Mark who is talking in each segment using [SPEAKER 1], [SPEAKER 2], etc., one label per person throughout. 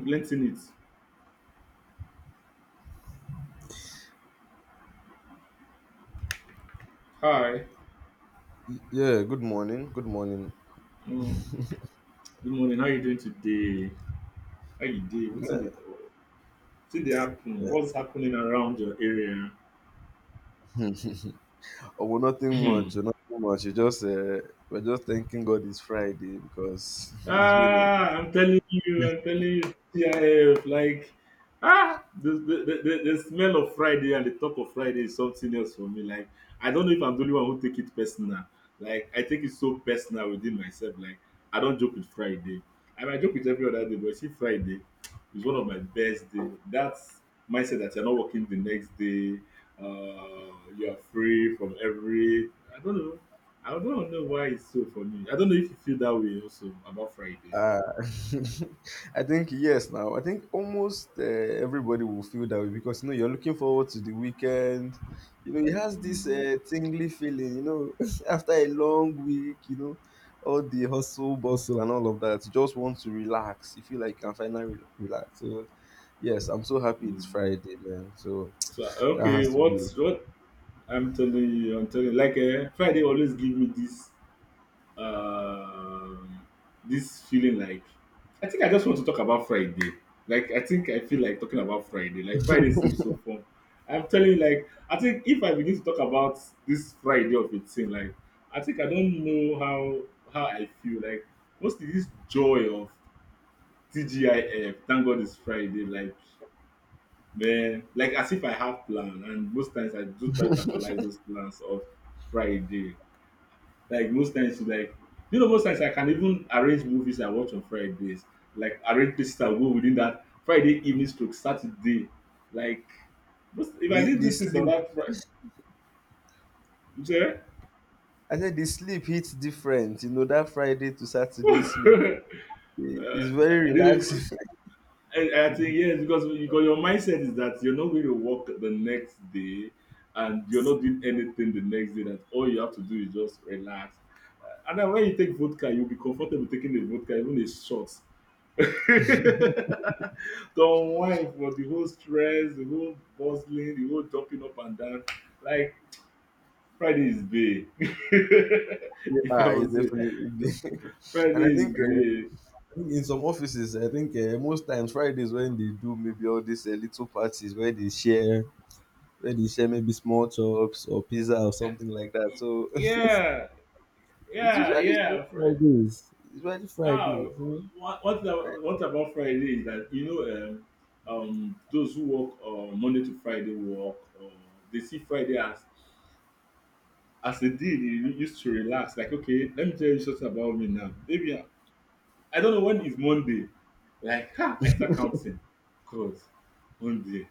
[SPEAKER 1] Plenty in it. Hi.
[SPEAKER 2] Yeah, good morning. Good morning.
[SPEAKER 1] Mm. Good morning. How you doing today? How you doing?
[SPEAKER 2] Yeah,
[SPEAKER 1] What's in the happen?
[SPEAKER 2] yeah.
[SPEAKER 1] What's happening around your area?
[SPEAKER 2] Oh, well, nothing much. Nothing much. You just We're just thanking God it's Friday because it's been a
[SPEAKER 1] Ah, I'm telling you, CIF, like, ah, the smell of Friday and the talk of Friday is something else for me. Like, I don't know if I'm the only one who take it personal. Like, I take it so personal within myself. Like, I don't joke with Friday. I mean, I joke with every other day, but see, Friday is one of my best day. That's mindset that you're not working the next day. Uh, you're free from every, I don't know. I don't know why it's so for me. I don't know if you feel that way also about Friday.
[SPEAKER 2] Uh, I think yes. Now I think almost everybody will feel that way because you know you're looking forward to the weekend. You know it has this
[SPEAKER 1] Mm-mm.
[SPEAKER 2] uh, tingly feeling. You know after a long week, you know all the hustle bustle and all of that, you just want to relax. You feel like you can finally relax. So yes, I'm so happy
[SPEAKER 1] Mm.
[SPEAKER 2] it's Friday, man. So
[SPEAKER 1] So
[SPEAKER 2] that
[SPEAKER 1] okay,
[SPEAKER 2] has to
[SPEAKER 1] what
[SPEAKER 2] be it.
[SPEAKER 1] what I'm telling you, like Friday always give me this um this feeling like I think I just want to talk about Friday. Like I think I feel like talking about Friday. Like Friday seems so fun. I'm telling you, like I think if I begin to talk about this Friday of a thing, like I think I don't know how I feel. Like what's this joy of TGIF, thank God it's Friday. Like, man, like as if I have plan, and most times I do try to actualize those plans of Friday. Like most times, like you know, most times I can even arrange movies I watch on Fridays. Like arrange places I go within that Friday evening stroke Saturday. Like, most, if I
[SPEAKER 2] the
[SPEAKER 1] didn't
[SPEAKER 2] the
[SPEAKER 1] do things on
[SPEAKER 2] sleep.
[SPEAKER 1] that Friday,
[SPEAKER 2] I said the sleep hits different. You know that Friday to Saturday sleep
[SPEAKER 1] uh,
[SPEAKER 2] is very
[SPEAKER 1] the
[SPEAKER 2] relaxing.
[SPEAKER 1] I think yes, because you got your mindset is that you're not going to work the next day, and you're not doing anything the next day. That all you have to do is just relax. And then when you take vodka, you'll be comfortable taking a vodka, even a shot. to unwind for the whole stress, the whole bustling, the whole jumping up and down. Like Friday is big,
[SPEAKER 2] Yeah,
[SPEAKER 1] if I
[SPEAKER 2] ah, it's
[SPEAKER 1] was say
[SPEAKER 2] definitely. and I
[SPEAKER 1] Friday is
[SPEAKER 2] think, uh,
[SPEAKER 1] big.
[SPEAKER 2] I think in some offices, I think most times Fridays when they do maybe all these little parties where they share maybe small chops or pizza or something like that. So
[SPEAKER 1] Yeah,
[SPEAKER 2] it's
[SPEAKER 1] yeah,
[SPEAKER 2] usually
[SPEAKER 1] yeah.
[SPEAKER 2] Fridays. It's usually
[SPEAKER 1] Ah,
[SPEAKER 2] Fridays, eh?
[SPEAKER 1] what thing
[SPEAKER 2] Right.
[SPEAKER 1] about one about Friday is that you know those who work Monday to Friday work they see Friday as a day they used to relax. Like okay, let me tell you something about me now. Maybe I don't know when is Monday. Like, ha, I start counting. Cause Monday,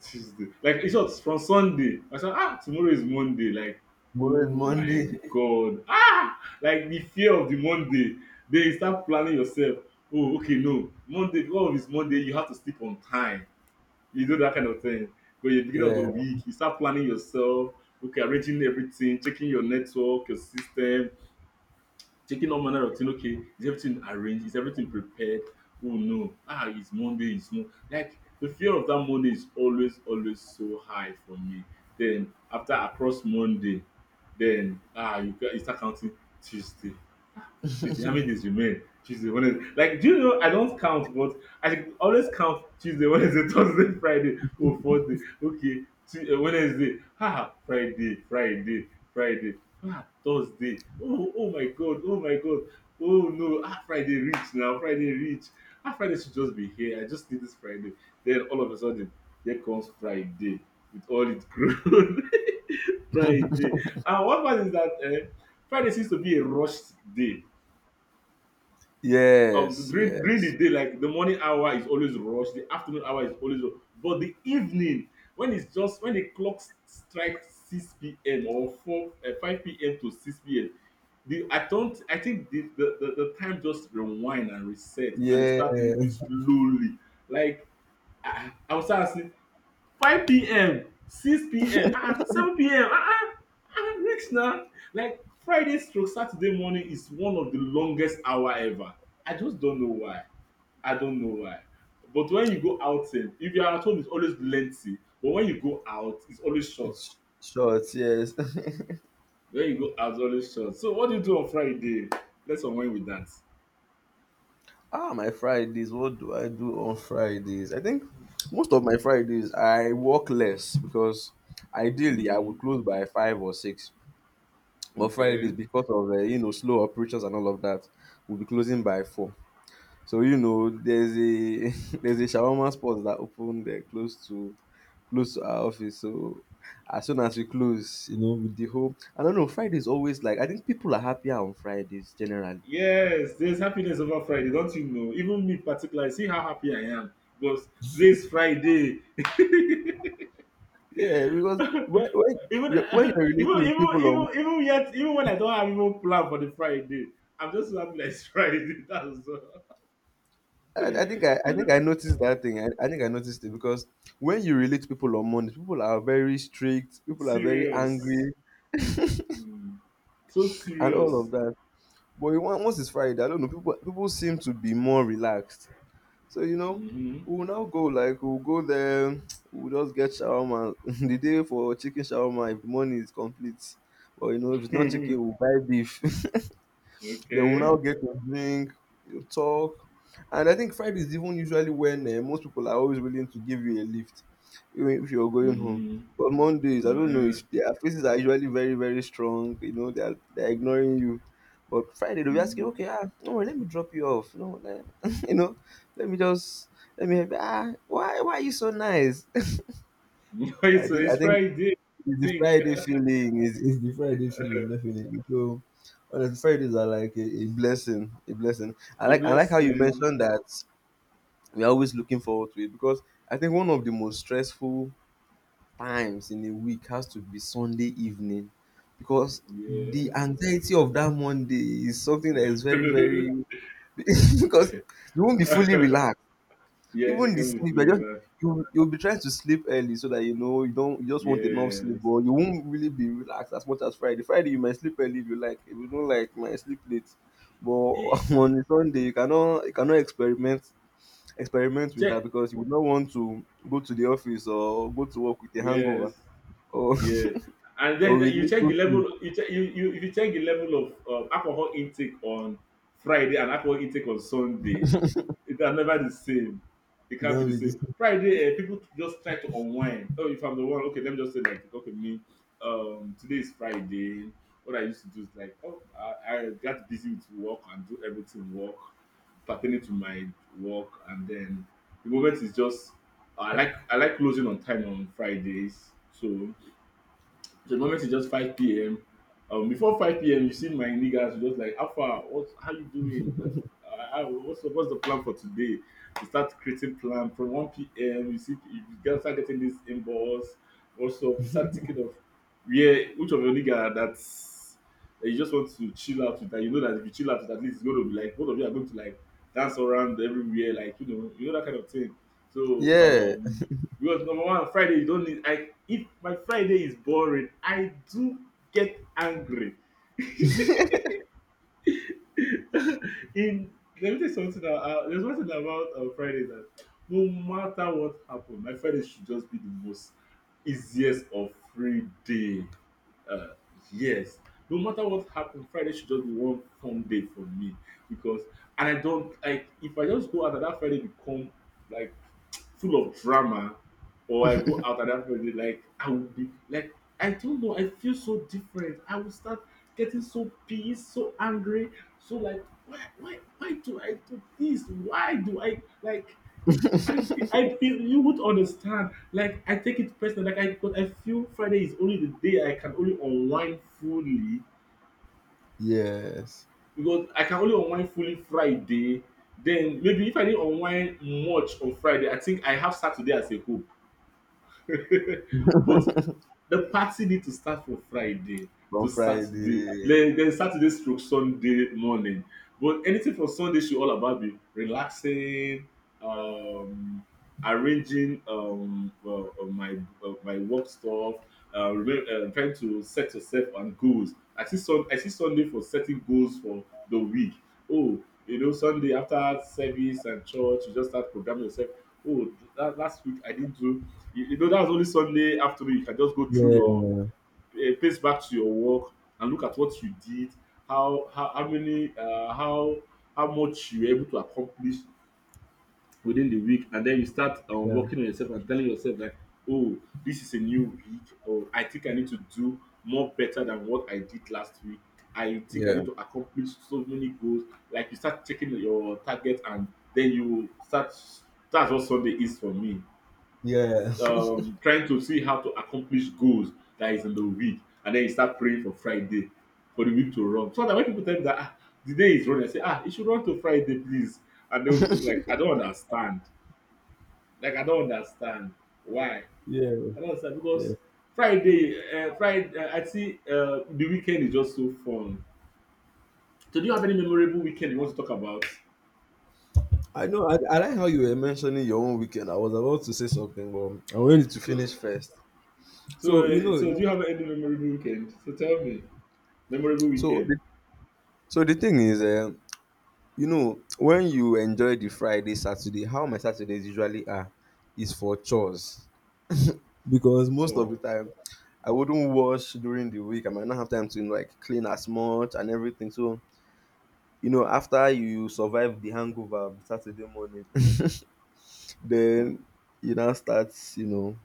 [SPEAKER 1] Tuesday. Like, it's just from Sunday. I said, ah, tomorrow is Monday. Like,
[SPEAKER 2] Tomorrow is
[SPEAKER 1] oh my
[SPEAKER 2] Monday.
[SPEAKER 1] God. Ah, like the fear of the Monday. Then you start planning yourself. Oh, okay, no. Monday, God is Monday. You have to sleep on time. You do that kind of thing. But at the beginning of the
[SPEAKER 2] Yeah.
[SPEAKER 1] week, you start planning yourself. Okay, arranging everything, checking your network, your system, checking all manner of thing. Okay, is everything arranged? Is everything prepared? Oh no, ah, it's Monday, it's Monday. Like the fear of that Monday is always, always so high for me. Then after across Monday, then ah, you start counting Tuesday, Tuesday, how many days remain? Tuesday, Wednesday. Like, do you know? I don't count, but I should always count Tuesday, Wednesday, Thursday, Friday, oh, fourth day. Okay, Tuesday, Wednesday, ah, Friday, Friday, Friday, ah, Thursday. Oh, oh my God, oh my God. Oh no, ah, Friday reach now, Friday reach. Ah, Friday should just be here. I just need this Friday. Then all of a sudden, there comes Friday with all its grown. Friday. And what part is that? Eh, Friday seems to be a rushed day
[SPEAKER 2] Yes.
[SPEAKER 1] during the
[SPEAKER 2] Yes.
[SPEAKER 1] day like the morning hour is always rush, the afternoon hour is always rush, but the evening, when it's just when the clock strike 6 p.m. or four 5 p.m. to 6 p.m., the I don't I think the time just rewind and reset and it start moving
[SPEAKER 2] Yes.
[SPEAKER 1] slowly. Like I was asking 5 p.m., 6 p.m., uh-uh, 7 p.m., uh-uh, uh-uh, reach now. Like Friday stroke Saturday morning is one of the longest hour ever. I just don't know why. I don't know why. But when you go outing, if you are at home, it's always lengthy. But when you go out, it's always short.
[SPEAKER 2] It's short. Yes.
[SPEAKER 1] When you go out, it's always short. So what do you do on Friday? Let's unwind with that.
[SPEAKER 2] Ah, my Fridays. What do I do on Fridays? I think most of my Fridays I work less because ideally I
[SPEAKER 1] Hmm.
[SPEAKER 2] would close by five or six. But Fridays,
[SPEAKER 1] Okay.
[SPEAKER 2] because of you know slow operations and all of that, we'll be closing by four. So you know there's a there's a shawarma spot that opened close to close to our office. So as soon as we close, you know, with the whole I don't know. Fridays always like I think people are happier on Fridays generally.
[SPEAKER 1] Yes, there's happiness over Friday, don't you know? Even me particularly, see how happy I am. Because today is Friday.
[SPEAKER 2] Yeah, because
[SPEAKER 1] Even
[SPEAKER 2] when you're
[SPEAKER 1] even
[SPEAKER 2] relating with people on,
[SPEAKER 1] even yet even when I don't have even plan for the Friday, I'm just so happy that it's Friday. That's all.
[SPEAKER 2] I think I think I noticed that thing. I think I noticed it because when you relate to people on Mondays, people are very strict, people are very
[SPEAKER 1] Serious.
[SPEAKER 2] angry,
[SPEAKER 1] Hmm. So
[SPEAKER 2] and all
[SPEAKER 1] serious.
[SPEAKER 2] of that. But you want- once it's Friday, I don't know. People seem to be more relaxed. So you know,
[SPEAKER 1] Mm-hmm.
[SPEAKER 2] we'll now go like we'll go there. We'll just get shawarma the day for chicken shawarma if the money is complete. But you know, if it's not chicken, we'll buy beef. They will
[SPEAKER 1] okay.
[SPEAKER 2] now get to drink, you talk. And I think Friday is even usually when most people are always willing to give you a lift, even if you're going home.
[SPEAKER 1] Mm-hmm.
[SPEAKER 2] But Mondays, I don't know,
[SPEAKER 1] Yeah.
[SPEAKER 2] it's, their faces are usually very, very strong. You know, they're ignoring you. But Friday, they'll be asking, okay,
[SPEAKER 1] Mm-hmm.
[SPEAKER 2] ah, no, worry, let me drop you off. No, let, you know, let me just, let me help you. Ah, why are you so nice?
[SPEAKER 1] so
[SPEAKER 2] I
[SPEAKER 1] it's
[SPEAKER 2] think
[SPEAKER 1] Friday.
[SPEAKER 2] it's the
[SPEAKER 1] Think
[SPEAKER 2] Friday
[SPEAKER 1] the
[SPEAKER 2] feeling. It's the Friday feeling, definitely. So honestly, Fridays are like a blessing, a blessing. I like how you
[SPEAKER 1] blessing.
[SPEAKER 2] mentioned that we're always looking forward to it because I think one of the most stressful times in a week has to be Sunday evening because
[SPEAKER 1] Yeah.
[SPEAKER 2] the anxiety of that Monday is something that is very, very because you won't be fully relaxed.
[SPEAKER 1] yes, you
[SPEAKER 2] Even the
[SPEAKER 1] can be
[SPEAKER 2] sleep, I just
[SPEAKER 1] free.
[SPEAKER 2] you'll be trying to sleep early so that you know you don't you just want enough sleep,
[SPEAKER 1] Yes.
[SPEAKER 2] but you won't really be relaxed as much as Friday. Friday you might sleep early if you like. If you don't like, you might sleep late. But
[SPEAKER 1] Eh,
[SPEAKER 2] on a Sunday you cannot experiment experiment with that
[SPEAKER 1] check.
[SPEAKER 2] because you would not want to go to the office or go to work with a
[SPEAKER 1] Yes.
[SPEAKER 2] hangover or
[SPEAKER 1] Yes, and then,
[SPEAKER 2] or
[SPEAKER 1] then
[SPEAKER 2] with
[SPEAKER 1] you check the
[SPEAKER 2] little sleep.
[SPEAKER 1] level. You check you, you if you check the level of alcohol intake on Friday and alcohol intake on Sunday, it are never the same. It
[SPEAKER 2] You
[SPEAKER 1] can't
[SPEAKER 2] can't
[SPEAKER 1] be the
[SPEAKER 2] be this.
[SPEAKER 1] same. Friday, people just try to unwind. Oh, if I'm the one, okay, let me just say like, okay, me. Today is Friday. What I used to do is like, oh, I got busy with work and do everything work pertaining to my work, and then the moment is just I like closing on time on Fridays, so so, the moment it's just 5 p.m. Before 5 p.m., you see my niggas just like, Alpha, what, how you doing? Like, what's the plan for today? You start creating plan from 1 p.m. You see, you guys start getting this inbox. Also, you start thinking of where which of your nigga that you just want to chill out with. That you know that if you chill out with, at least it's going to be like both of you are going to like dance around everywhere, like you know that kind of thing. So
[SPEAKER 2] Yeah.
[SPEAKER 1] because number one, Friday you don't need. I if my Friday is boring, I do get angry. In let me tell you something. Now, there's one thing about Friday that no matter what happened, my Friday should just be the most easiest or free day. Uh, yes, no matter what happened, Friday should just be one fun day for me because and I don't like if I just go out and that Friday become like full of drama, or I go out and everybody like I will be like I don't know, I feel so different. I will start getting so pissed, so angry, so like why do I do this? Why do I like I feel you would understand. Like I take it personal. Like I because I feel Friday is only the day I can only unwind fully
[SPEAKER 2] Yes.
[SPEAKER 1] because I can only unwind fully Friday. Then maybe if I didn't unwind much on Friday, I think I have Saturday as a hope but the party need to start from Friday to
[SPEAKER 2] On
[SPEAKER 1] Saturday,
[SPEAKER 2] Friday.
[SPEAKER 1] then Saturday stroke Sunday morning. But anything from Sunday should all about be relaxing, um, arranging my my work stuff, trying to set yourself and goals. I see Sun. I see Sunday for setting goals for the week. Oh, you know Sunday after service and church, you just start programming yourself. Oh, that, last week I didn't do you, you know that's only Sunday afternoon you can just go through
[SPEAKER 2] Yeah.
[SPEAKER 1] your pace back to your work and look at what you did, how many how much you were able to accomplish within the week, and then you start
[SPEAKER 2] Yeah.
[SPEAKER 1] working on yourself and telling yourself like, oh, this is a new week, or I think I need to do more better than what I did last week. I think I
[SPEAKER 2] Yeah.
[SPEAKER 1] need to accomplish so many goals. Like you start checking your target, and then you start. That's what Sunday is for me
[SPEAKER 2] Yeah.
[SPEAKER 1] trying to see how to accomplish goals that is in the week, and then you start praying for Friday for the week to run. So that when people tell me that ah, the day is running, I say ah, it should run to Friday, please, and they will look like I don't understand. Like I don't understand why.
[SPEAKER 2] Yeah.
[SPEAKER 1] I don't understand
[SPEAKER 2] Yeah.
[SPEAKER 1] because Friday, Friday, I see the weekend is just so fun. So do you have any memorable weekend you want to talk about?
[SPEAKER 2] I know. I like how you were mentioning your own weekend. I was about to say something, but I wanted to
[SPEAKER 1] So,
[SPEAKER 2] finish first. So you know,
[SPEAKER 1] so do you have any memorable weekend? So tell me, memorable
[SPEAKER 2] so
[SPEAKER 1] weekend.
[SPEAKER 2] the, so the thing is, you know, when you enjoy the Friday, Saturday, how my Saturdays usually are, is for chores because most of
[SPEAKER 1] Oh,
[SPEAKER 2] the time, I wouldn't wash during the week. I might not have time to like clean as much and everything. So you know, after you survive the hangover of Saturday morning, then you now start, you know,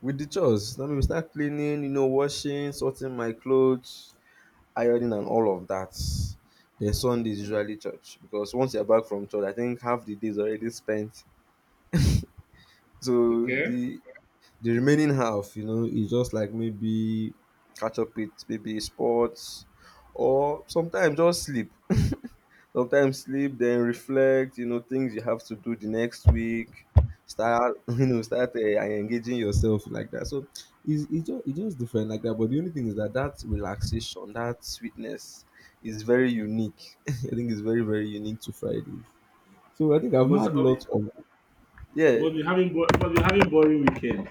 [SPEAKER 2] with the chores. I mean, we start cleaning, you know, washing, sorting my clothes, ironing, and all of that. Then Sunday is usually church because once you're back from church, I think half the day is already spent. So
[SPEAKER 1] okay.
[SPEAKER 2] the remaining half, you know, is just like maybe catch up with maybe sports or sometimes just sleep. Sometimes sleep, then reflect, you know, things you have to do the next week. Start, you know, start engaging yourself like that. So it's just different like that. But the only thing is that that relaxation, that sweetness is very unique. I think it's very, very unique to Fridays. So I think I've
[SPEAKER 1] You must.
[SPEAKER 2] had lots of Yeah.
[SPEAKER 1] But you having was you having boring weekend?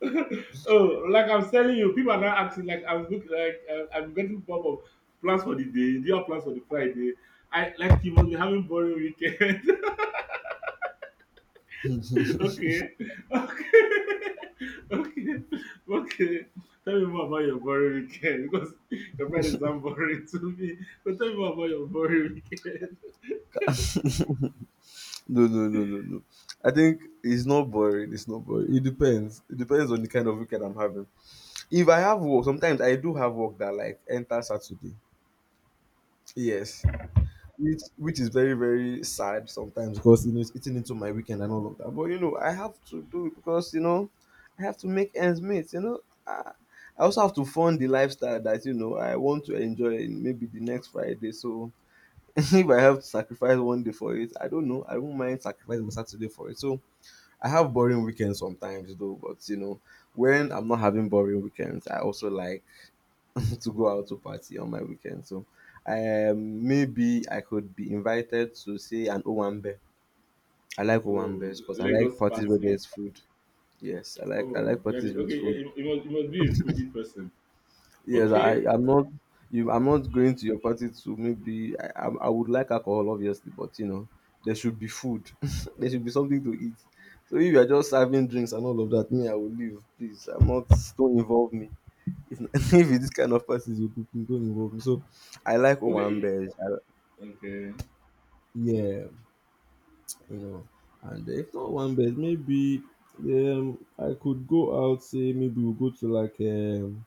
[SPEAKER 1] Oh, like I'm telling you, people are now asking like I'm look like I'm getting pop of plans for the day. Do you have plans for the Friday? I like you must be having boring weekend. okay, okay, okay, okay. Tell me more about your boring weekend because your Friday sound boring to me. But tell me more about your boring weekend.
[SPEAKER 2] No, no, no, no, no. I think it's not boring. It's not boring. It depends. It depends on the kind of weekend I'm having. If I have work, sometimes I do have work that like enter Saturday. Yes. Which is very very sad sometimes because you know it's eating into my weekend and all of that. But you know I have to do it because you know I, have to make ends meet. You know I, I also have to fund the lifestyle that you know I want to enjoy in maybe the next Friday. So if I have to sacrifice one day for it, I don't know. I won't mind sacrificing my Saturday for it. So I have boring weekends sometimes though. But you know when I'm not having boring weekends, I also like to go out to party on my weekend. So maybe I could be invited to say an Owambe. I like
[SPEAKER 1] Oh,
[SPEAKER 2] Owambes because I like
[SPEAKER 1] Lagos
[SPEAKER 2] parties where
[SPEAKER 1] party.
[SPEAKER 2] there's food. Yes, I
[SPEAKER 1] Oh,
[SPEAKER 2] like
[SPEAKER 1] yeah.
[SPEAKER 2] parties
[SPEAKER 1] The,
[SPEAKER 2] with
[SPEAKER 1] okay,
[SPEAKER 2] food.
[SPEAKER 1] you must be a foodie person.
[SPEAKER 2] Yes,
[SPEAKER 1] Okay,
[SPEAKER 2] I I'm not you I'm not going to your party to maybe I would like alcohol obviously, but you know there should be food. there should be something to eat. So if you are just serving drinks and all of that, me I will leave. Please, I'm not don't involve me. If if it's this kind of parties you do, please don't involve me. So I like
[SPEAKER 1] okay.
[SPEAKER 2] Owambes.
[SPEAKER 1] Okay.
[SPEAKER 2] Yeah, you know. And if not one bed, maybe I could go out. Say maybe we'll go to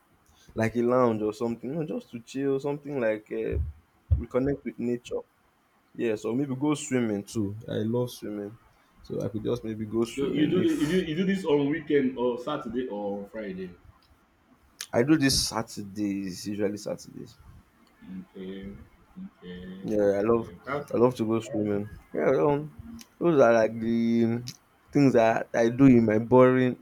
[SPEAKER 2] like a lounge or something, you know, just to chill, something like reconnect with nature. Yeah, so maybe go swimming too. I love swimming, so I could just maybe go
[SPEAKER 1] So you
[SPEAKER 2] swimming
[SPEAKER 1] do the,
[SPEAKER 2] if
[SPEAKER 1] you do this on weekend or Saturday or on Friday.
[SPEAKER 2] I do this Saturdays, usually Saturdays.
[SPEAKER 1] Okay. Okay.
[SPEAKER 2] Yeah,
[SPEAKER 1] Okay. That's
[SPEAKER 2] I love to go swimming. Yeah, those are like the things that I do in my boring.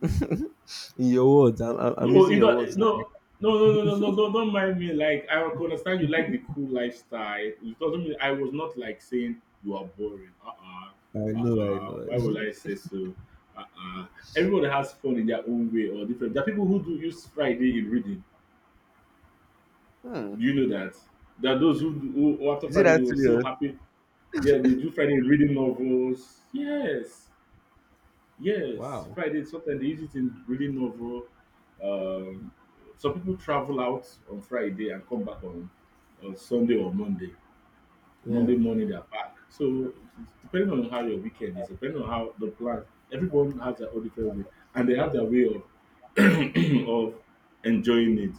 [SPEAKER 2] in your words, I'm
[SPEAKER 1] no.
[SPEAKER 2] using
[SPEAKER 1] You
[SPEAKER 2] your
[SPEAKER 1] don't.
[SPEAKER 2] words now.
[SPEAKER 1] No. No, don't mind me. Like, I could understand you like the cool lifestyle. It doesn't mean I was not like saying you are boring.
[SPEAKER 2] I
[SPEAKER 1] Uh-uh,
[SPEAKER 2] know, I know.
[SPEAKER 1] Why would I say so? Uh uh. Everybody has fun in their own way or different. There are people who do use Friday in reading. Do
[SPEAKER 2] Hmm.
[SPEAKER 1] you know that? There are those who after
[SPEAKER 2] Is it
[SPEAKER 1] Friday, they
[SPEAKER 2] that
[SPEAKER 1] were so
[SPEAKER 2] serious?
[SPEAKER 1] happy. Yeah, they do Friday reading novels. Yes, yes.
[SPEAKER 2] Wow.
[SPEAKER 1] Friday sometimes they use it in reading novel. Um, some people travel out on Friday and come back on Sunday or Monday. Monday
[SPEAKER 2] Yeah.
[SPEAKER 1] morning they're back. So it's depending on how your weekend is, depending on how the plan, everyone has their own different way, and they have their way of of enjoying it.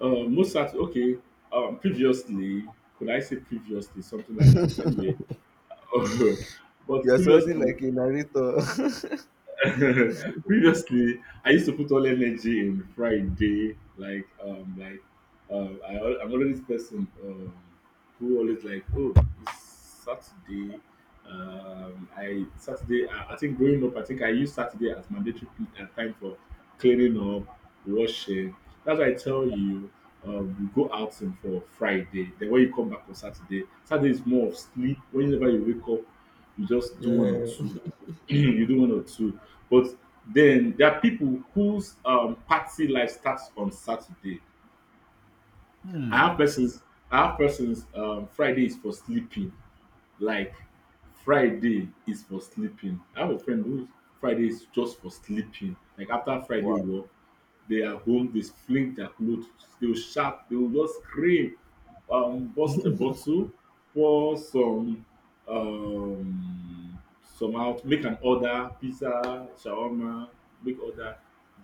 [SPEAKER 1] Most Saturday, okay. Previously, could I say previously something like that? Anyway, but
[SPEAKER 2] You're sounding
[SPEAKER 1] previously,
[SPEAKER 2] like a narrator.
[SPEAKER 1] previously, I used to put all energy in Friday, like I'm already this person who always like, oh, it's Saturday. I think growing up, I think I used Saturday as mandatory time for cleaning up, washing. That's why I tell you, you go out on for Friday. Then when you come back on Saturday, Saturday is more of sleep. Whenever you wake up, you just do one or
[SPEAKER 2] Yeah.
[SPEAKER 1] two. You do one or two. But then there are people whose party life starts on Saturday. I have persons. I have persons. Friday is for sleeping. Like Friday is for sleeping. I have a friend whose Friday is just for sleeping. Like after Friday
[SPEAKER 2] Wow.
[SPEAKER 1] work, they are home, they fling their clothes, they'll shout, they'll just scream, bust a bottle, pour um some out, make an order, pizza, shawarma, make order,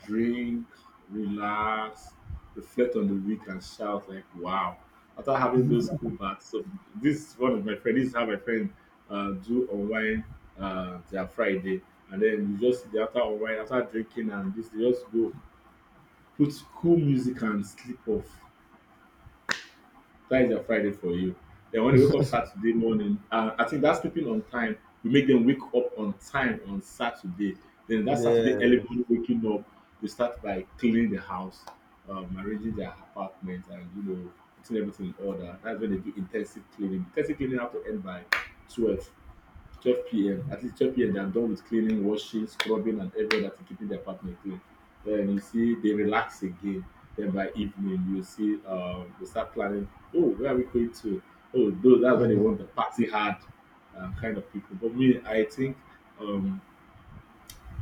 [SPEAKER 1] drink, relax, reflect on the week and shout like wow. After having those cool baths, so this is one of my friends, this is how my friend do online their Friday and then you just the after online, after drinking and this, they just go put cool music and sleep off. That is their Friday for you. Then when they wake up Saturday morning, I think that's sleeping on time. We make them wake up on time on Saturday. Then that
[SPEAKER 2] Yeah.
[SPEAKER 1] Saturday early morning waking up, they start by cleaning the house, arranging their apartment, and you know putting everything in order. That's when they do intensive cleaning. Intensive cleaning have to end by twelve. 12 p.m. At least 12 p.m. they are done with cleaning, washing, scrubbing, and everything that is keeping the apartment clean. Then you see they relax again. Then by evening, you see they start planning. Oh, where are we going to? Oh, those that's when they want the party hard kind of people. But me, I think um,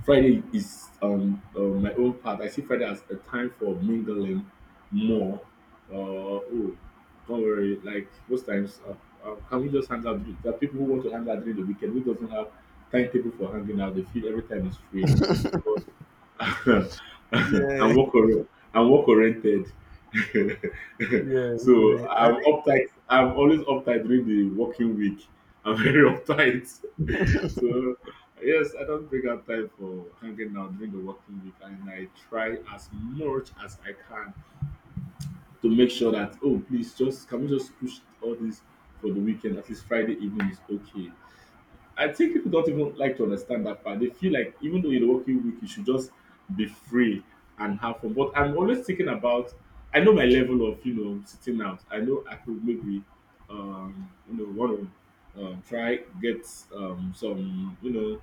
[SPEAKER 1] Friday is my own part. I see Friday as a time for mingling more. Oh, don't worry. Like most times, can we just hang out? There are people who want to hang out during the weekend who doesn't have timetable for hanging out. They feel every time is free. But
[SPEAKER 2] Yeah.
[SPEAKER 1] I'm work or- I'm work oriented.
[SPEAKER 2] Yeah.
[SPEAKER 1] So
[SPEAKER 2] I
[SPEAKER 1] I'm
[SPEAKER 2] think,
[SPEAKER 1] uptight. I'm always uptight during the working week. I'm very uptight. So yes, I don't bring out time for hanging out during the working week, and I try as much as I can to make sure that oh, please, just can we just push all this for the weekend? At least Friday evening is okay. I think people don't even like to understand that part. They feel like even though you're working week, you should just be free and have fun. But I'm always thinking about. I know my level of you know sitting out. I know I could maybe you know want to try get some you know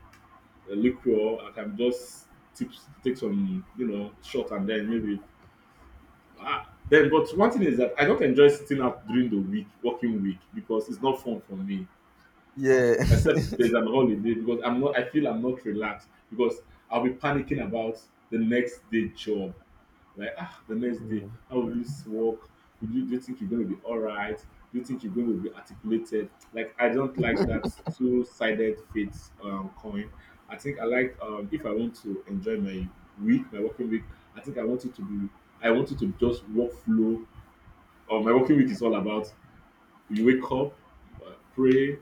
[SPEAKER 1] a liquor, I can just tip, take some, you know, shot and then maybe. Ah, then, but one thing is that I don't enjoy sitting out during the week, working week, because it's not fun for me.
[SPEAKER 2] yeah.
[SPEAKER 1] Except there's an holiday because I'm not. I feel I'm not relaxed because I'll be panicking about the next day job. Like, ah, the next day,
[SPEAKER 2] Yeah.
[SPEAKER 1] how will this work? Would you, do you think you're going to be all right? Do you think you're going to be articulated? Like, I don't like that two sided fate coin. I think I like, if I want to enjoy my week, my working week, I think I want it to be, I want it to just work flow. Or my working week is all about you wake up, pray,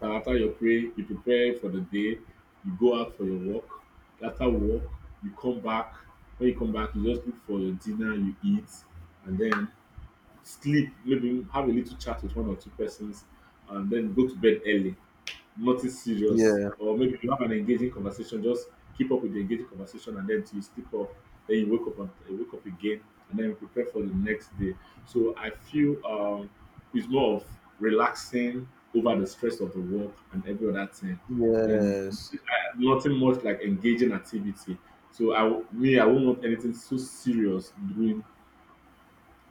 [SPEAKER 1] and after your pray, you prepare for the day, you go out for your walk. After work, you come back. When you come back, you just look for your dinner, you eat, and then sleep. Maybe have a little chat with one or two persons, and then go to bed early nothing serious,
[SPEAKER 2] Yeah.
[SPEAKER 1] or maybe you have an engaging conversation, just keep up with the engaging conversation, and then till you sleep off, then you wake up and you wake up again, and then you prepare for the next day. So I feel it's more of relaxing over the stress of the work and every other thing, and
[SPEAKER 2] Yes.
[SPEAKER 1] nothing much like engaging activity. So me I won't want anything so serious during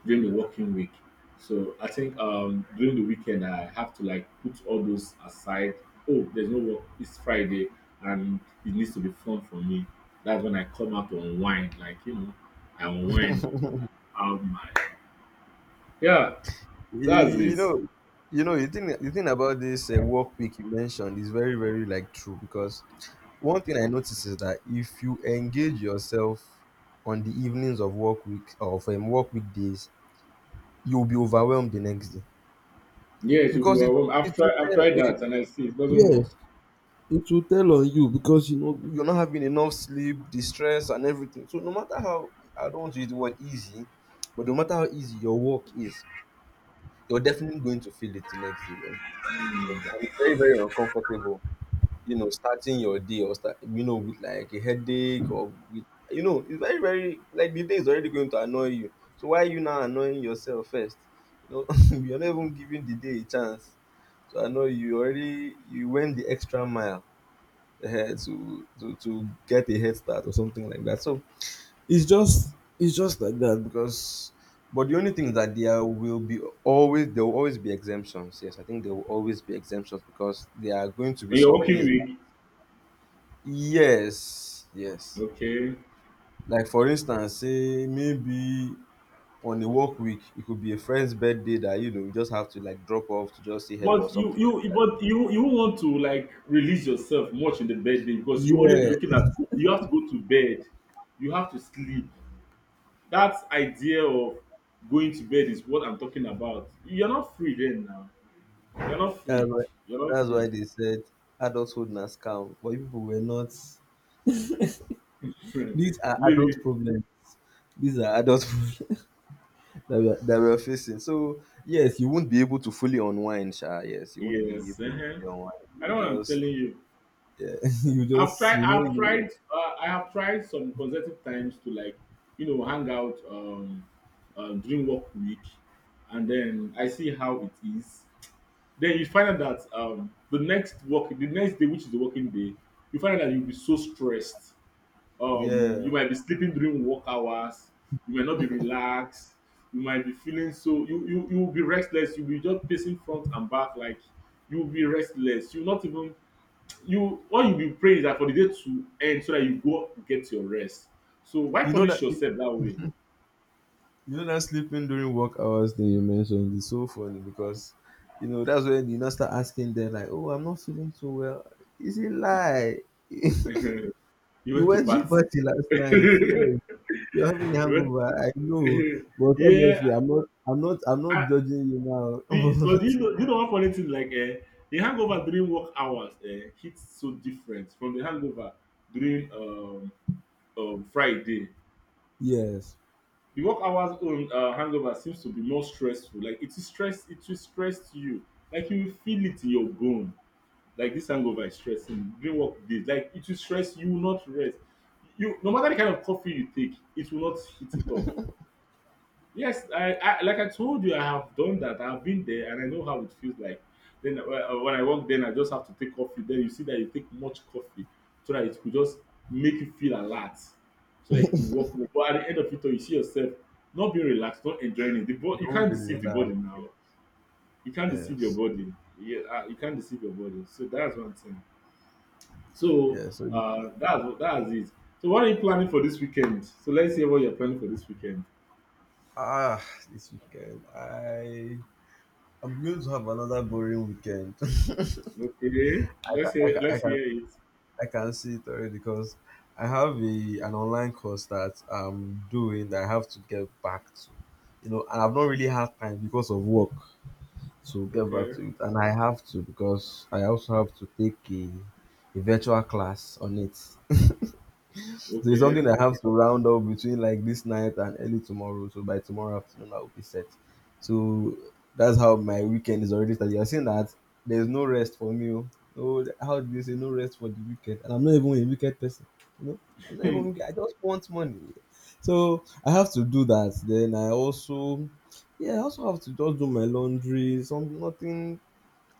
[SPEAKER 1] during the working week. So I think during the weekend I have to like put all those aside. Oh, there's no work. It's Friday, and it needs to be fun for me. That's when I come out to unwind. Like you know, I unwind. I have my yeah. That's
[SPEAKER 2] You
[SPEAKER 1] it.
[SPEAKER 2] know you know the thing about this work week you mentioned is very very like true because one thing I notice is that if you engage yourself on the evenings of work week of work weekdays you'll be overwhelmed the next day
[SPEAKER 1] Yeah, it should be
[SPEAKER 2] because
[SPEAKER 1] overwhelming. I've
[SPEAKER 2] it will
[SPEAKER 1] tried. I've
[SPEAKER 2] tell
[SPEAKER 1] tried
[SPEAKER 2] it,
[SPEAKER 1] that, and I see it doesn't work.
[SPEAKER 2] yes it will tell on you because you know you're not having enough sleep, the stress and everything, so no matter how I don't want to use the word easy but no matter how easy your work is, you're definitely going to feel it the next day. And it's very, very uncomfortable, you know, starting your day or start, you know, with like a headache or with, you know, it's very, very, like the day is already going to annoy you. So why are you now annoying yourself first? You know, you're not even giving the day a chance. So I know you already you went the extra mile ahead to get a head start or something like that. So it's just like that because but the only thing is that there will always be exemptions. Yes, I think there will always be exemptions because there are going to be
[SPEAKER 1] On your
[SPEAKER 2] some
[SPEAKER 1] working
[SPEAKER 2] days. That-
[SPEAKER 1] week,
[SPEAKER 2] yes, yes.
[SPEAKER 1] okay.
[SPEAKER 2] Like for instance, say maybe on a work week, it could be a friend's birthday that you know you just have to like drop off to just say hello or
[SPEAKER 1] But you
[SPEAKER 2] something like
[SPEAKER 1] you
[SPEAKER 2] that.
[SPEAKER 1] but you you won't want to like release yourself much in the bedroom because you only be
[SPEAKER 2] Yeah,
[SPEAKER 1] looking at you have to go to bed, you have to sleep. That idea of going to bed is what I'm talking about. You're not free then now. You're not
[SPEAKER 2] that's
[SPEAKER 1] free.
[SPEAKER 2] why
[SPEAKER 1] You're not
[SPEAKER 2] that's
[SPEAKER 1] free.
[SPEAKER 2] why they said adulthood na scam, but you people were not. These are
[SPEAKER 1] Maybe
[SPEAKER 2] adult problems. These are adult. That we are facing. So yes, you won't be able to fully unwind, Sha. Yes, you won't be
[SPEAKER 1] yes.
[SPEAKER 2] able to fully unwind.
[SPEAKER 1] I know
[SPEAKER 2] You
[SPEAKER 1] what I'm
[SPEAKER 2] just,
[SPEAKER 1] telling you.
[SPEAKER 2] yeah, you
[SPEAKER 1] I've
[SPEAKER 2] just,
[SPEAKER 1] tried. I've tried.
[SPEAKER 2] you,
[SPEAKER 1] I have tried some consecutive times to like, you know, hang out during work week, and then I see how it is. Then you find out that the next work, the next day, which is the working day, you find out that you'll be so stressed.
[SPEAKER 2] yeah.
[SPEAKER 1] You might be sleeping during work hours. You might not be relaxed. You might be feeling so. You will be restless. You'll be just pacing front and back like you'll be restless. You'll not even you what you be praying is that for the day to end so that you go get your rest. So why
[SPEAKER 2] You know
[SPEAKER 1] punish
[SPEAKER 2] that you
[SPEAKER 1] yourself that way?
[SPEAKER 2] know that sleeping during work hours thing you mentioned is so funny, because that's when you now start asking them, like, oh, I'm not feeling so well. Is it lie? You
[SPEAKER 1] You went to
[SPEAKER 2] went to a
[SPEAKER 1] party.
[SPEAKER 2] party last night.
[SPEAKER 1] You
[SPEAKER 2] Yes, you're having a
[SPEAKER 1] went
[SPEAKER 2] hangover. I know, but
[SPEAKER 1] yeah,
[SPEAKER 2] obviously, I'm not. I'm not. I'm not
[SPEAKER 1] I,
[SPEAKER 2] judging you now.
[SPEAKER 1] but
[SPEAKER 2] But
[SPEAKER 1] you know one funny thing like eh, the hangover during work hours eh, hits so different from the hangover during Friday.
[SPEAKER 2] yes,
[SPEAKER 1] The work hours on hangover seems to be more stressful. Like it is stress, it will stress you. Like you will feel it in your bone. Like this hangover is stressing. During work days, like it will stress you, will not rest. You no matter the kind of coffee you take, it will not hit it off. Yes, I like I told you, I have done that. I've been there, and I know how it feels like. Then when I work, then I just have to take coffee. Then you see that you take much coffee, so that it could just make you feel alert, so that you could work more. But at the end of it all, you see yourself not being relaxed, not enjoying it. You
[SPEAKER 2] you won't
[SPEAKER 1] can't
[SPEAKER 2] be
[SPEAKER 1] deceive the body
[SPEAKER 2] relaxed.
[SPEAKER 1] now.
[SPEAKER 2] Yes.
[SPEAKER 1] You can't deceive your
[SPEAKER 2] Yes.
[SPEAKER 1] body. Yeah, you can't deceive your body. So that's one thing. So
[SPEAKER 2] Yes. So,
[SPEAKER 1] that's it. So what are you planning for this weekend? So let's hear what you're planning for this weekend.
[SPEAKER 2] ah, this weekend I'm going to have another boring weekend.
[SPEAKER 1] Okay,
[SPEAKER 2] I
[SPEAKER 1] let's hear
[SPEAKER 2] can I
[SPEAKER 1] let's
[SPEAKER 2] can
[SPEAKER 1] hear it.
[SPEAKER 2] I can see it already, because I have a an online course that I'm doing that I have to get back to. You know, and I've not really had time because of work to get back
[SPEAKER 1] Okay,
[SPEAKER 2] to it. And I have to, because I also have to take a virtual class on it. So it's
[SPEAKER 1] okay.
[SPEAKER 2] something I have to round up between, like, this night and early tomorrow. So by tomorrow afternoon, I will be set. So that's how my weekend is already started. You're saying that there's no rest for me. Oh. No, how do you say no rest for the weekend? And I'm not even a wicked person. You know, I'm not even
[SPEAKER 1] Hmm.
[SPEAKER 2] wicked. I just want money. So I have to do that. Then I also, yeah, I also have to just do my laundry. Some Nothing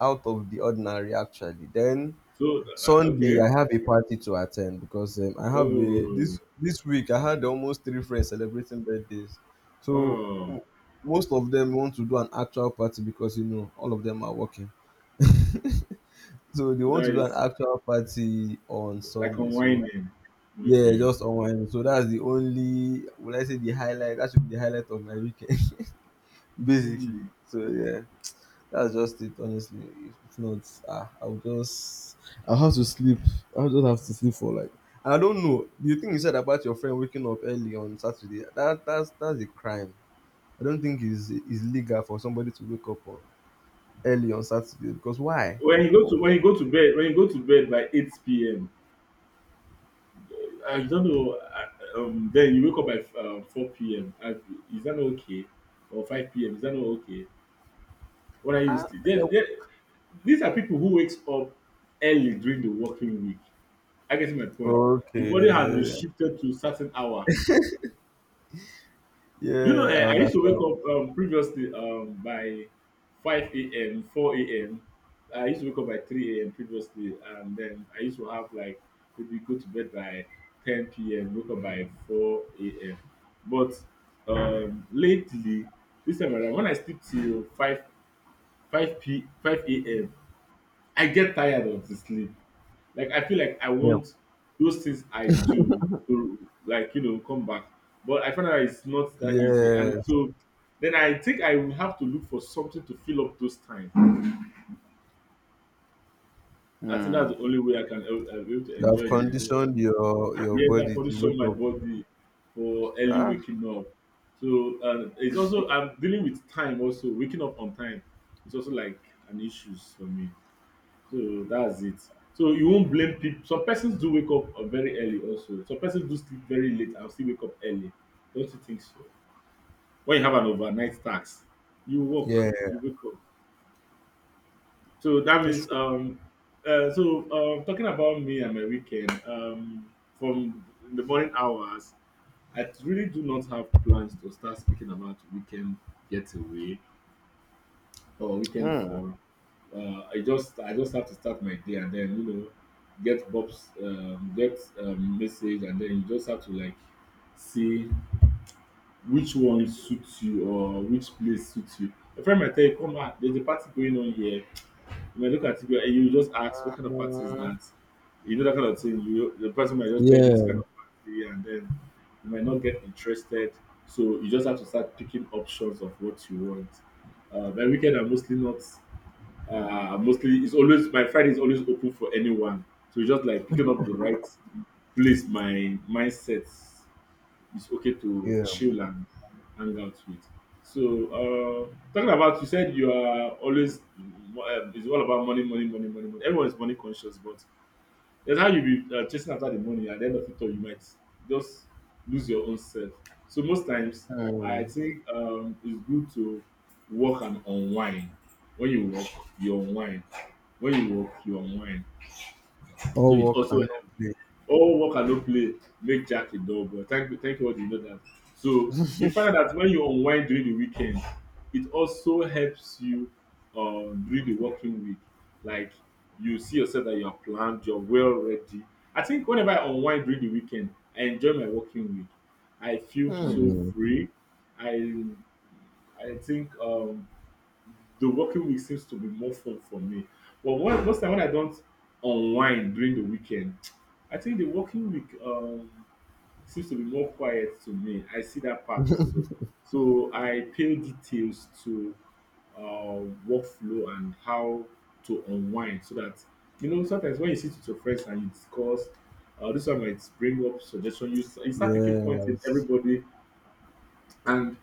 [SPEAKER 2] out of the ordinary, actually. Then
[SPEAKER 1] So
[SPEAKER 2] Sunday,
[SPEAKER 1] okay.
[SPEAKER 2] I have a party to attend, because I have a
[SPEAKER 1] Oh,
[SPEAKER 2] this this week I had almost three friends celebrating birthdays, so
[SPEAKER 1] oh,
[SPEAKER 2] most of them want to do an actual party because all of them are working, so they
[SPEAKER 1] so
[SPEAKER 2] want
[SPEAKER 1] that
[SPEAKER 2] to do an
[SPEAKER 1] is
[SPEAKER 2] actual party on
[SPEAKER 1] like
[SPEAKER 2] Sunday. So,
[SPEAKER 1] unwinding.
[SPEAKER 2] yeah,
[SPEAKER 1] Okay.
[SPEAKER 2] just online. So that's the only, would I say, the highlight, that should be the highlight of my weekend, basically.
[SPEAKER 1] Hmm.
[SPEAKER 2] So, yeah. That's just it, honestly. If not, I'll have to sleep. I'll just have to sleep for, like, and I don't know. The thing you said about your friend waking up early on Saturday, that's a crime. I don't think it's legal for somebody to wake up on early on Saturday, because why? Wha-
[SPEAKER 1] When
[SPEAKER 2] wha-
[SPEAKER 1] you go to bed when you go to bed by 8 p.m. I don't know. Then you wake up by 4 p.m. Is that not okay? Or 5 p.m. Is that not okay? What are you
[SPEAKER 2] Ah,
[SPEAKER 1] sleep? There,
[SPEAKER 2] eh,
[SPEAKER 1] there. These are people who wakes up early during the working week. I get my point? The body has been
[SPEAKER 2] okay.
[SPEAKER 1] shifted to certain hour. Do you know,
[SPEAKER 2] Yeah, I
[SPEAKER 1] I used to wake
[SPEAKER 2] understand.
[SPEAKER 1] up previously by 5 a.m., 4 a.m. I used to wake up by 3 a.m. previously, and then I used to have like maybe go to bed by 10 p.m., wake up by 4 a.m. But lately, this time around, when I sleep till 5 a.m., I get tired of the sleep. Like I feel like I
[SPEAKER 2] Yeah.
[SPEAKER 1] want those things I do to like you know come back, but I find out it's not that easy,
[SPEAKER 2] Yeah.
[SPEAKER 1] and so then I think I will have to look for something to fill up those time. I think that's
[SPEAKER 2] Hmm.
[SPEAKER 1] the only way I can be able to
[SPEAKER 2] You
[SPEAKER 1] enjoy
[SPEAKER 2] have
[SPEAKER 1] the
[SPEAKER 2] conditioned
[SPEAKER 1] whole.
[SPEAKER 2] your
[SPEAKER 1] Yes, I
[SPEAKER 2] body to wake
[SPEAKER 1] condition my
[SPEAKER 2] up.
[SPEAKER 1] body for early
[SPEAKER 2] Ah,
[SPEAKER 1] waking up. So it's also I'm dealing with time also waking up on time. It's also like an issue for me. So that's it. So you won't blame people. Some persons do wake up very early also. Some persons do sleep very late and still wake up early. Don't you think so? When you have an overnight tax, you work,
[SPEAKER 2] yeah.
[SPEAKER 1] you wake up. So that
[SPEAKER 2] It's
[SPEAKER 1] means
[SPEAKER 2] true.
[SPEAKER 1] so talking about me and my weekend, from the morning hours, I really do not have plans to start speaking about weekend getaway or weekend fun. I just have to start my day and then you know get message and then you just have to like see which one suits you or which place suits you. A friend might tell you, come on, there's a party going on here. You might look at it and you just ask, what kind of party is
[SPEAKER 2] Hmm.
[SPEAKER 1] that? You know that kind of thing. You the person might just tell you this kind
[SPEAKER 2] Yeah,
[SPEAKER 1] of party, and then you might not get interested. So you just have to start picking options of what you want. By weekend, I'm mostly not. Mostly, it's always my Friday is always open for anyone. So it's just like picking up the right place. My mindset is okay to
[SPEAKER 2] yeah.
[SPEAKER 1] chill and hang out with. So talking about, you said you are always it's all about money, money, money, money, money. Everyone is money conscious, but that's how you be chasing after the money. At the end of it all, you might just lose your own self. So most times,
[SPEAKER 2] Hmm.
[SPEAKER 1] I think it's good to work and unwind. When you work, you unwind. When you work, you unwind. So
[SPEAKER 2] All
[SPEAKER 1] it
[SPEAKER 2] work
[SPEAKER 1] also
[SPEAKER 2] and no play.
[SPEAKER 1] all work and no play make Jack a dull boy. Thank you, thank God you know that. So you find out that when you unwind during the weekend, it also helps you during the working week. Like you see yourself that you are planned, you're well ready. I think whenever I unwind during the weekend, I enjoy my working week. I feel so
[SPEAKER 2] Hmm.
[SPEAKER 1] free. I I think the working week seems to be more fun for me. But when, most time when I don't unwind during the weekend, I think the working week seems to be more quiet to me. I see that part also. So I pay details to workflow and how to unwind so that you know sometimes when you sit with your friends and you discuss this one might bring up suggestion you start picking points in
[SPEAKER 2] Yes.
[SPEAKER 1] everybody, and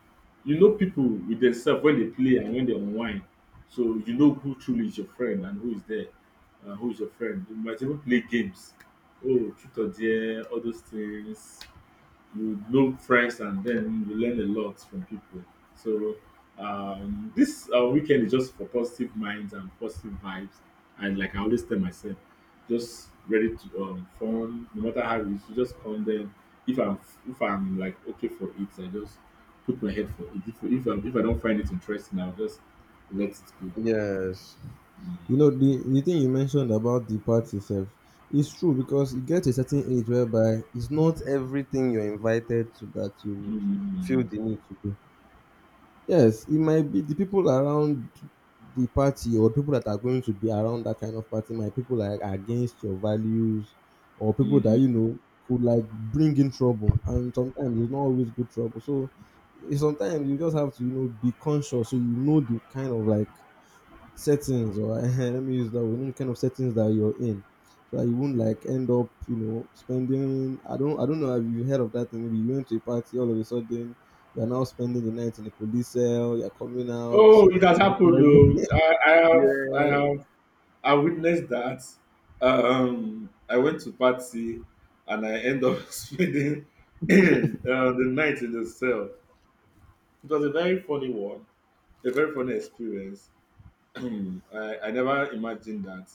[SPEAKER 1] you know people with themselves when they play and when they unwind. So you know who truly is your friend and who is there and who is your friend. You might even play games. Oh, truth or dare, all those things you look fresh and then you learn a lot from people. So this weekend is just for positive minds and positive vibes. And like I always tell myself, just ready to fun. No matter how it is, you just come then. If I'm if I'm like okay for it, I just put my head for it. If I don't find it interesting, I'll just let it go.
[SPEAKER 2] Yes.
[SPEAKER 1] Mm,
[SPEAKER 2] You know, the thing you mentioned about the party itself is true, because you get to a certain age whereby it's not everything you're invited to that you
[SPEAKER 1] mm,
[SPEAKER 2] would feel the
[SPEAKER 1] mm,
[SPEAKER 2] need to go. Yes, it might be the people around the party, or people that are going to be around that kind of party might, people like against your values, or people that you
[SPEAKER 1] mm.
[SPEAKER 2] know could, like, bring in trouble, and sometimes it's not always good trouble. So sometimes you just have to, be conscious, so you know the kind of, like, settings, or let me use that word, the kind of settings that you're in. So that you won't, like, end up, spending. I don't know, have you heard of that thing? Maybe you went to a party, all of a sudden you're now spending the night in a police cell, you're coming out.
[SPEAKER 1] Oh, it has happened though.
[SPEAKER 2] Yeah.
[SPEAKER 1] I witnessed that. I went to party and I end up spending the night in the cell. It was a very funny one, a very funny experience. I, I never imagined that.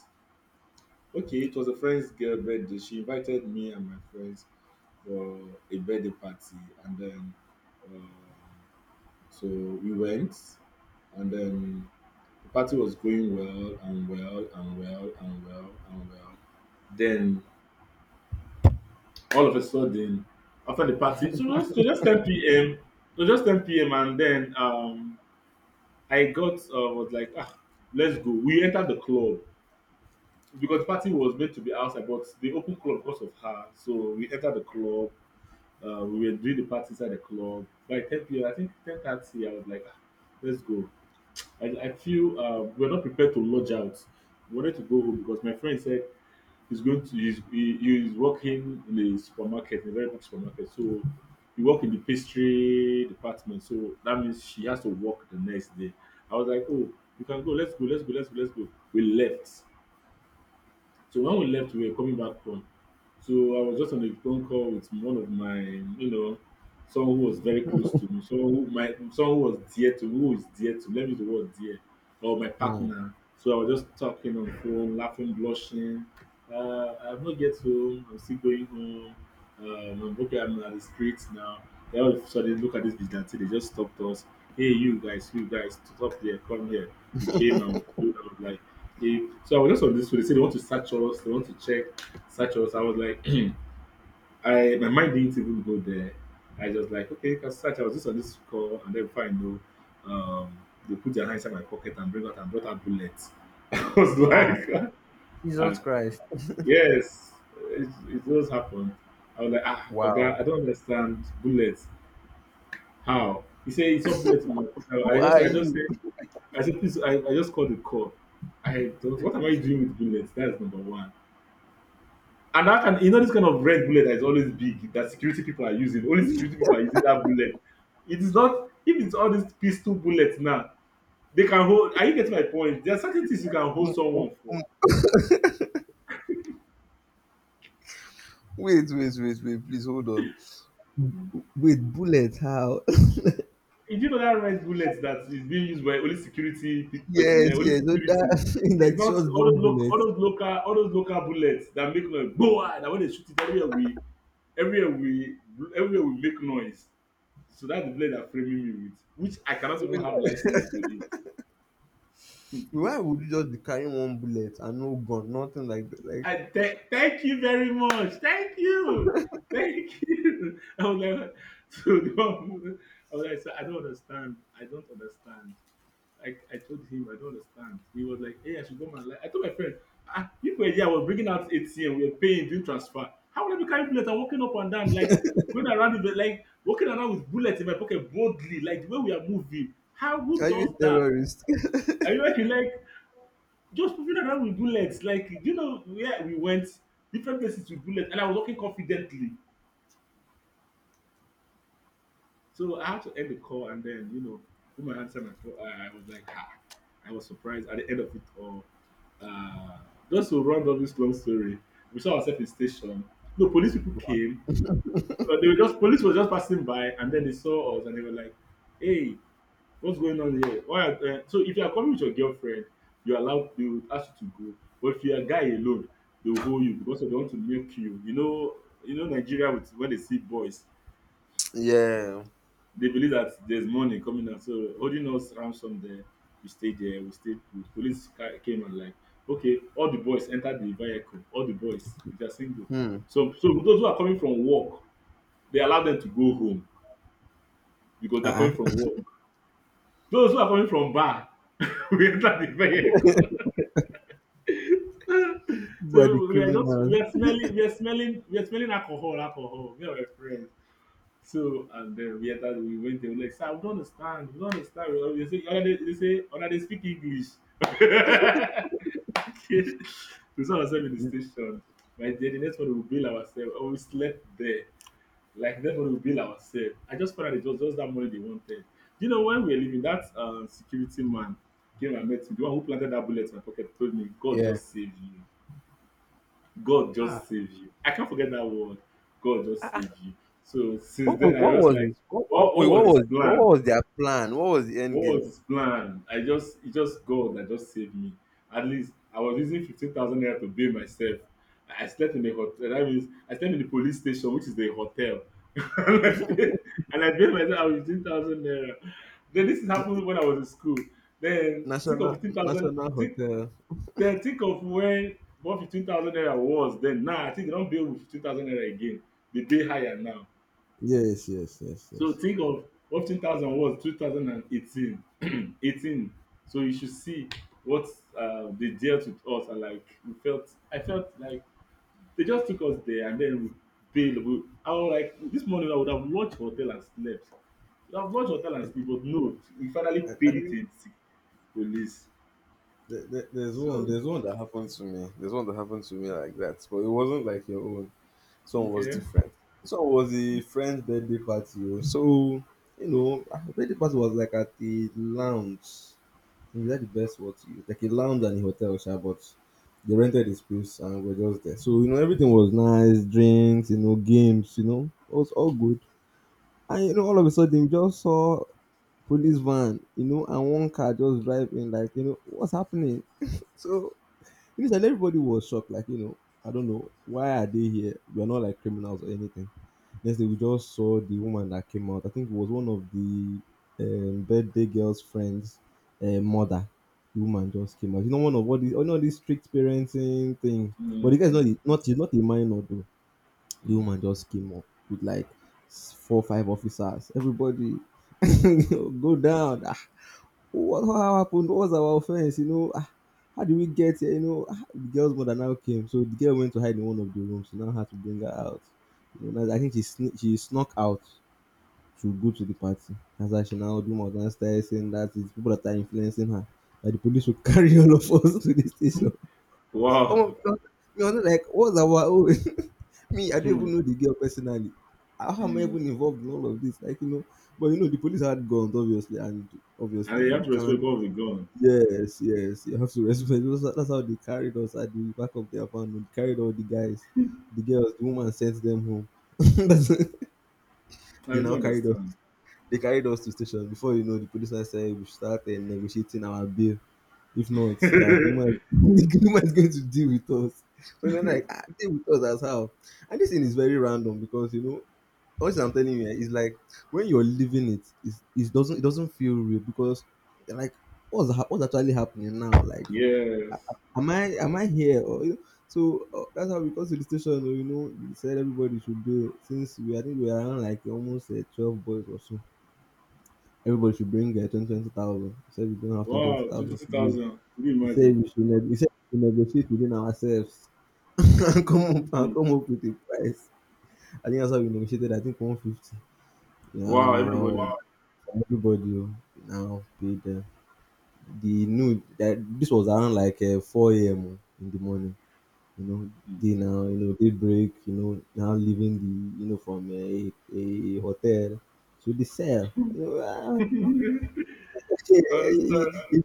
[SPEAKER 1] Okay, it was a friend's girl birthday. She invited me and my friends for a birthday party, and then um, so we went, and then the party was going well and well and well and well and well. Then all of a sudden, after the party, so just 10 p.m. It was just 10 p.m. and then I got was like, ah, let's go. We entered the club because the party was meant to be outside, but they opened club because of her. So we entered the club. We were doing the party inside the club by 10 p.m. I think 10:30. I was like, ah, let's go. I feel we're not prepared to lodge out. We wanted to go home because my friend said he's going to he's, he is working in a supermarket, in a very big supermarket. So he work in the pastry department. So that means she has to work the next day. I was like, oh, you can go, let's go, let's go, let's go, let's go. We left. So when we left, we were coming back home. So I was just on a phone call with one of my, someone who was very close to me, someone who was dear to me, who is dear to me, let me use the word dear, or my
[SPEAKER 2] Hmm.
[SPEAKER 1] partner. So I was just talking on phone, laughing, blushing. I've not get home. I'm still going home. I'm okay. I'm at the streets now. Then all of a sudden, look at this vigilante. They just stopped us. Hey, you guys, stop there, come here. We came and we stood. And I was like, if, so I was just on this, so they said they want to search us, they want to check, search us. I was like, I my mind didn't even go there. I just like, okay, you can search. I was just on this call, and then before I know, um, they put their hand inside my pocket and bring out and brought out bullets. I was
[SPEAKER 2] Ah,
[SPEAKER 1] like,
[SPEAKER 2] Jesus
[SPEAKER 1] ah,
[SPEAKER 2] Christ.
[SPEAKER 1] yes, it does happen. I was like, ah, okay,
[SPEAKER 2] Wow.
[SPEAKER 1] I don't understand bullets. How? He said, it's not bullets in my pocket.
[SPEAKER 2] Who are you?
[SPEAKER 1] I said, please, I just called the call. I don't, what am I doing with bullets? That's number one. And that can you know this kind of red bullet that is always big that security people are using. Only security people are using that bullet. It is not if it's all these pistol bullets now, they can hold are you getting my point? There are certain things you can
[SPEAKER 2] Mm,
[SPEAKER 1] hold
[SPEAKER 2] mm,
[SPEAKER 1] someone for.
[SPEAKER 2] mm. Wait, wait, wait, wait. Please hold on. With bullet, how?
[SPEAKER 1] Did you know that red bullet that is being used by only security personnel,
[SPEAKER 2] Yes,
[SPEAKER 1] only
[SPEAKER 2] yes. So
[SPEAKER 1] security?
[SPEAKER 2] that,
[SPEAKER 1] It's
[SPEAKER 2] like,
[SPEAKER 1] not
[SPEAKER 2] shotgun bullets.
[SPEAKER 1] all those local bullets that make noise. Boa that when they shoot it everywhere we everywhere we make noise. So that's the blade they framing me with, which I cannot
[SPEAKER 2] So,
[SPEAKER 1] even
[SPEAKER 2] wait,
[SPEAKER 1] have license to.
[SPEAKER 2] why would you just be carrying one bullet and no gun, nothing like that? Like,
[SPEAKER 1] Thank you very much. Thank you. Thank you. I was like, so the I was like, sir, I don't understand. I don't understand. I told him I don't understand. He was like, hey, I should go my life. I told my friend, ah, if we here, I was bringing out ATM, we were paying, doing transfer. How would I be carrying bullets and walking up and down, like going around with like walking around with bullets in my pocket boldly, like the way we are moving? How who
[SPEAKER 2] are you
[SPEAKER 1] does
[SPEAKER 2] a
[SPEAKER 1] that?
[SPEAKER 2] terrorist?
[SPEAKER 1] I remember he like just moving around with bullets. Like, do you know where we went? Different places with bullets, and I was walking confidently. So I had to end the call, and then woman answered my call. I was like, I was surprised at the end of it all. Uh, just to round up this long story, we saw ourselves in station. No police people
[SPEAKER 2] Wow.
[SPEAKER 1] came. They were just police was just passing by, and then they saw us, and they were like, "Hey, what's going on here? Why? So if you are coming with your girlfriend, you are allowed. They will ask you to go. But if you are a guy alone, they will hold you because they want to milk you. You know Nigeria with when they see boys,
[SPEAKER 2] Yeah.
[SPEAKER 1] they believe that there's money coming out. So holding us ransom there, we stayed put. Police came and like, okay, all the boys entered the vehicle. All the boys, if they are single.
[SPEAKER 2] Hmm.
[SPEAKER 1] So those who are coming from work, they allow them to go home because they're coming
[SPEAKER 2] Uh-uh.
[SPEAKER 1] from work. Those who are coming from bar, we enter the vehicle.
[SPEAKER 2] Who are the
[SPEAKER 1] So
[SPEAKER 2] criminals?
[SPEAKER 1] we are smelling we are smelling we are smelling alcohol, me and my friends. So, and then we entered, we went there, we like, sir, we don't understand. We they say una dey speak english. We saw ourselves in the station, my dear. The next one, we bail ourselves and we slept there. Like the next morning, we bail ourselves. I just found out it was just that money they wanted. When we were leaving, that security man came and met me, the one who planted that bullet in my pocket. Told me, God
[SPEAKER 2] Yeah.
[SPEAKER 1] just saved you. God just
[SPEAKER 2] Ah.
[SPEAKER 1] save you. I can't forget that word. God just save you. So since
[SPEAKER 2] What,
[SPEAKER 1] then, I
[SPEAKER 2] what
[SPEAKER 1] was
[SPEAKER 2] was
[SPEAKER 1] like,
[SPEAKER 2] his?
[SPEAKER 1] what,
[SPEAKER 2] What,
[SPEAKER 1] what
[SPEAKER 2] wait,
[SPEAKER 1] was
[SPEAKER 2] what
[SPEAKER 1] his
[SPEAKER 2] was
[SPEAKER 1] plan?
[SPEAKER 2] what was their plan? What was the
[SPEAKER 1] What
[SPEAKER 2] end
[SPEAKER 1] was
[SPEAKER 2] game?
[SPEAKER 1] his plan? It just God that just saved me. At least I was using 15,000 naira to bail myself. I slept in a hotel. That means I slept in the police station, which is the hotel. and I paid and I paid myself with 15,000 naira. Then this happened when I was in school. Then think of
[SPEAKER 2] National
[SPEAKER 1] 15,000.
[SPEAKER 2] National
[SPEAKER 1] Think.
[SPEAKER 2] Hotel.
[SPEAKER 1] Then think of when what 15,000 naira was then. Now I think they don't bill with 15,000 naira again. They pay higher now.
[SPEAKER 2] Yes, yes, yes,
[SPEAKER 1] So
[SPEAKER 2] yes.
[SPEAKER 1] think of what 15,000 was 2018. Eighteen. So you should see what they dealt with us and like we felt. I felt like they just took us there and then we bail. I was like, this morning I would have launched hotel and slept. We have launched hotel and sleep, but no, we finally
[SPEAKER 2] I
[SPEAKER 1] paid it
[SPEAKER 2] think
[SPEAKER 1] in police.
[SPEAKER 2] there's one.
[SPEAKER 1] So
[SPEAKER 2] There's one that happened to me. There's one that happened to me like that, but it wasn't like your own. This one was
[SPEAKER 1] okay.
[SPEAKER 2] different. This one was a friend's birthday party. Oh. So, the birthday party was, like, at the lounge. Is that the best word to use? Like, a lounge and a hotel, sha, but they rented a space and we're just there. So, everything was nice, drinks, games, it was all good. And, all of a sudden, we just saw police van, and one car just driving, like, what's happening? So, initially, everybody was shocked, like, I don't know, why are they here? We're not, like, criminals or anything. Next day, we just saw the woman that came out. I think it was one of the, birthday girl's friends', mother. The woman just came out. You know, one of what is, this strict parenting thing. But the guy's
[SPEAKER 1] Mm-hmm.
[SPEAKER 2] not, not, he's not a minor, though. The woman
[SPEAKER 1] Mm-hmm.
[SPEAKER 2] just came up with, like, four, five officers. Everybody, go down. Ah. What How happened? What was our offense? You know, how did we get here? You know, the girl's mother now came, so the girl went to hide in one of the rooms. So now had to bring her out. You know, now I think she she snuck out to go to the party. That's how she now do more than started saying that it's people that are influencing her. That the police will carry all of us to the station. Oh,
[SPEAKER 1] Wow.
[SPEAKER 2] like, what's our own? Me, I don't
[SPEAKER 1] Hmm.
[SPEAKER 2] even know the girl personally. How am I
[SPEAKER 1] Hmm.
[SPEAKER 2] even involved in all of this? Like, but the police had guns, obviously, and,
[SPEAKER 1] And
[SPEAKER 2] obviously,
[SPEAKER 1] you
[SPEAKER 2] you
[SPEAKER 1] have to respect
[SPEAKER 2] can't.
[SPEAKER 1] what we have gone.
[SPEAKER 2] Yes, yes, you have to respect. That's how they carried us at the back of their van. They carried all the guys, the girls, the woman sent them home. That's-
[SPEAKER 1] I
[SPEAKER 2] they
[SPEAKER 1] don't
[SPEAKER 2] now carried us.
[SPEAKER 1] understand.
[SPEAKER 2] They carried us to station. Before you know, the policeman said we should start, negotiating our bill. If not, that the woman, the woman is going to deal with us. So they're like, deal with us as how. And this thing is very random, because honestly, I'm telling you, it's like when you're living it, it doesn't feel real, because, like, what's actually happening now, like,
[SPEAKER 1] Yes.
[SPEAKER 2] am I here? Or, so, that's how we got to the station. Oh, you know, they said everybody should be, since we, I think we are around, like, almost, 12 boys or so. Everybody should bring, 20 20,000. He said we don't have 20 twenty
[SPEAKER 1] Wow, twenty
[SPEAKER 2] thousand to give.
[SPEAKER 1] thousand. Can you
[SPEAKER 2] He said
[SPEAKER 1] imagine?
[SPEAKER 2] we should negotiate within ourselves, and come up and
[SPEAKER 1] Hmm.
[SPEAKER 2] come up with a price. I think that's how we negotiated. I think 150.
[SPEAKER 1] Wow,
[SPEAKER 2] Now, wow.
[SPEAKER 1] everybody.
[SPEAKER 2] From everybody. Oh, we now paid them. The new that this was around, like, 4 a.m. Oh, in the morning. you know they now, they break, now leaving the, from a hotel to the cell,
[SPEAKER 1] I
[SPEAKER 2] you
[SPEAKER 1] understand.
[SPEAKER 2] know,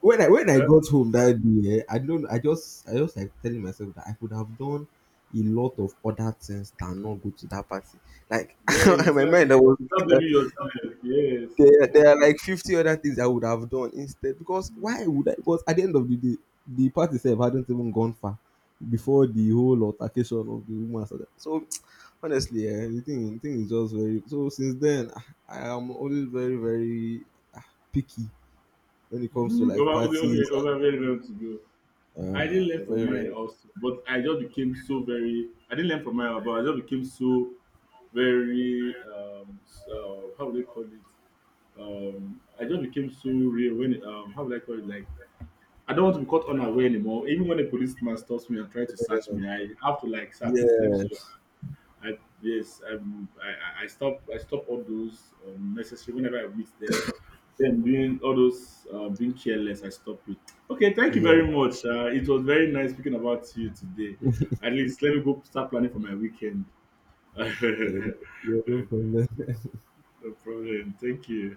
[SPEAKER 2] when I
[SPEAKER 1] Uh,
[SPEAKER 2] got home that day, I don't, I just, like, telling myself that I could have done a lot of other things than not go to that party, like,
[SPEAKER 1] yeah,
[SPEAKER 2] my mind I was,
[SPEAKER 1] you start blaming yourself. Yes.
[SPEAKER 2] there are, like, 50 other things I would have done instead. Because why would I? Because at the end of the day, the party itself hadn't even gone far before the whole altercation of the woman started. So, honestly, the thing is just very. So, since then, I am always very, very, ah, picky when it comes to,
[SPEAKER 1] Hmm.
[SPEAKER 2] like,
[SPEAKER 1] Over, okay,
[SPEAKER 2] parties.
[SPEAKER 1] okay, over very long to go. I didn't learn
[SPEAKER 2] I'm
[SPEAKER 1] from
[SPEAKER 2] very,
[SPEAKER 1] mine
[SPEAKER 2] very.
[SPEAKER 1] also, but I just became so very. I didn't learn from mine, but I just became so very how do they call it? I just became so real when how would I call it, like, I don't want to be caught unaware anymore. Even when a policeman stops me and tries to search me, I have to, like, sir, please let me see your.
[SPEAKER 2] Yes.
[SPEAKER 1] I, yes, I stop I stop all those necessary whenever I meet them. Then doing all those being careless, I stop it. Okay, thank you
[SPEAKER 2] Yeah.
[SPEAKER 1] very much. It was very nice speaking about you today. At least let me go start planning for my weekend.
[SPEAKER 2] Yeah. Yeah.
[SPEAKER 1] No
[SPEAKER 2] No, yeah, no problem.
[SPEAKER 1] problem. Thank you.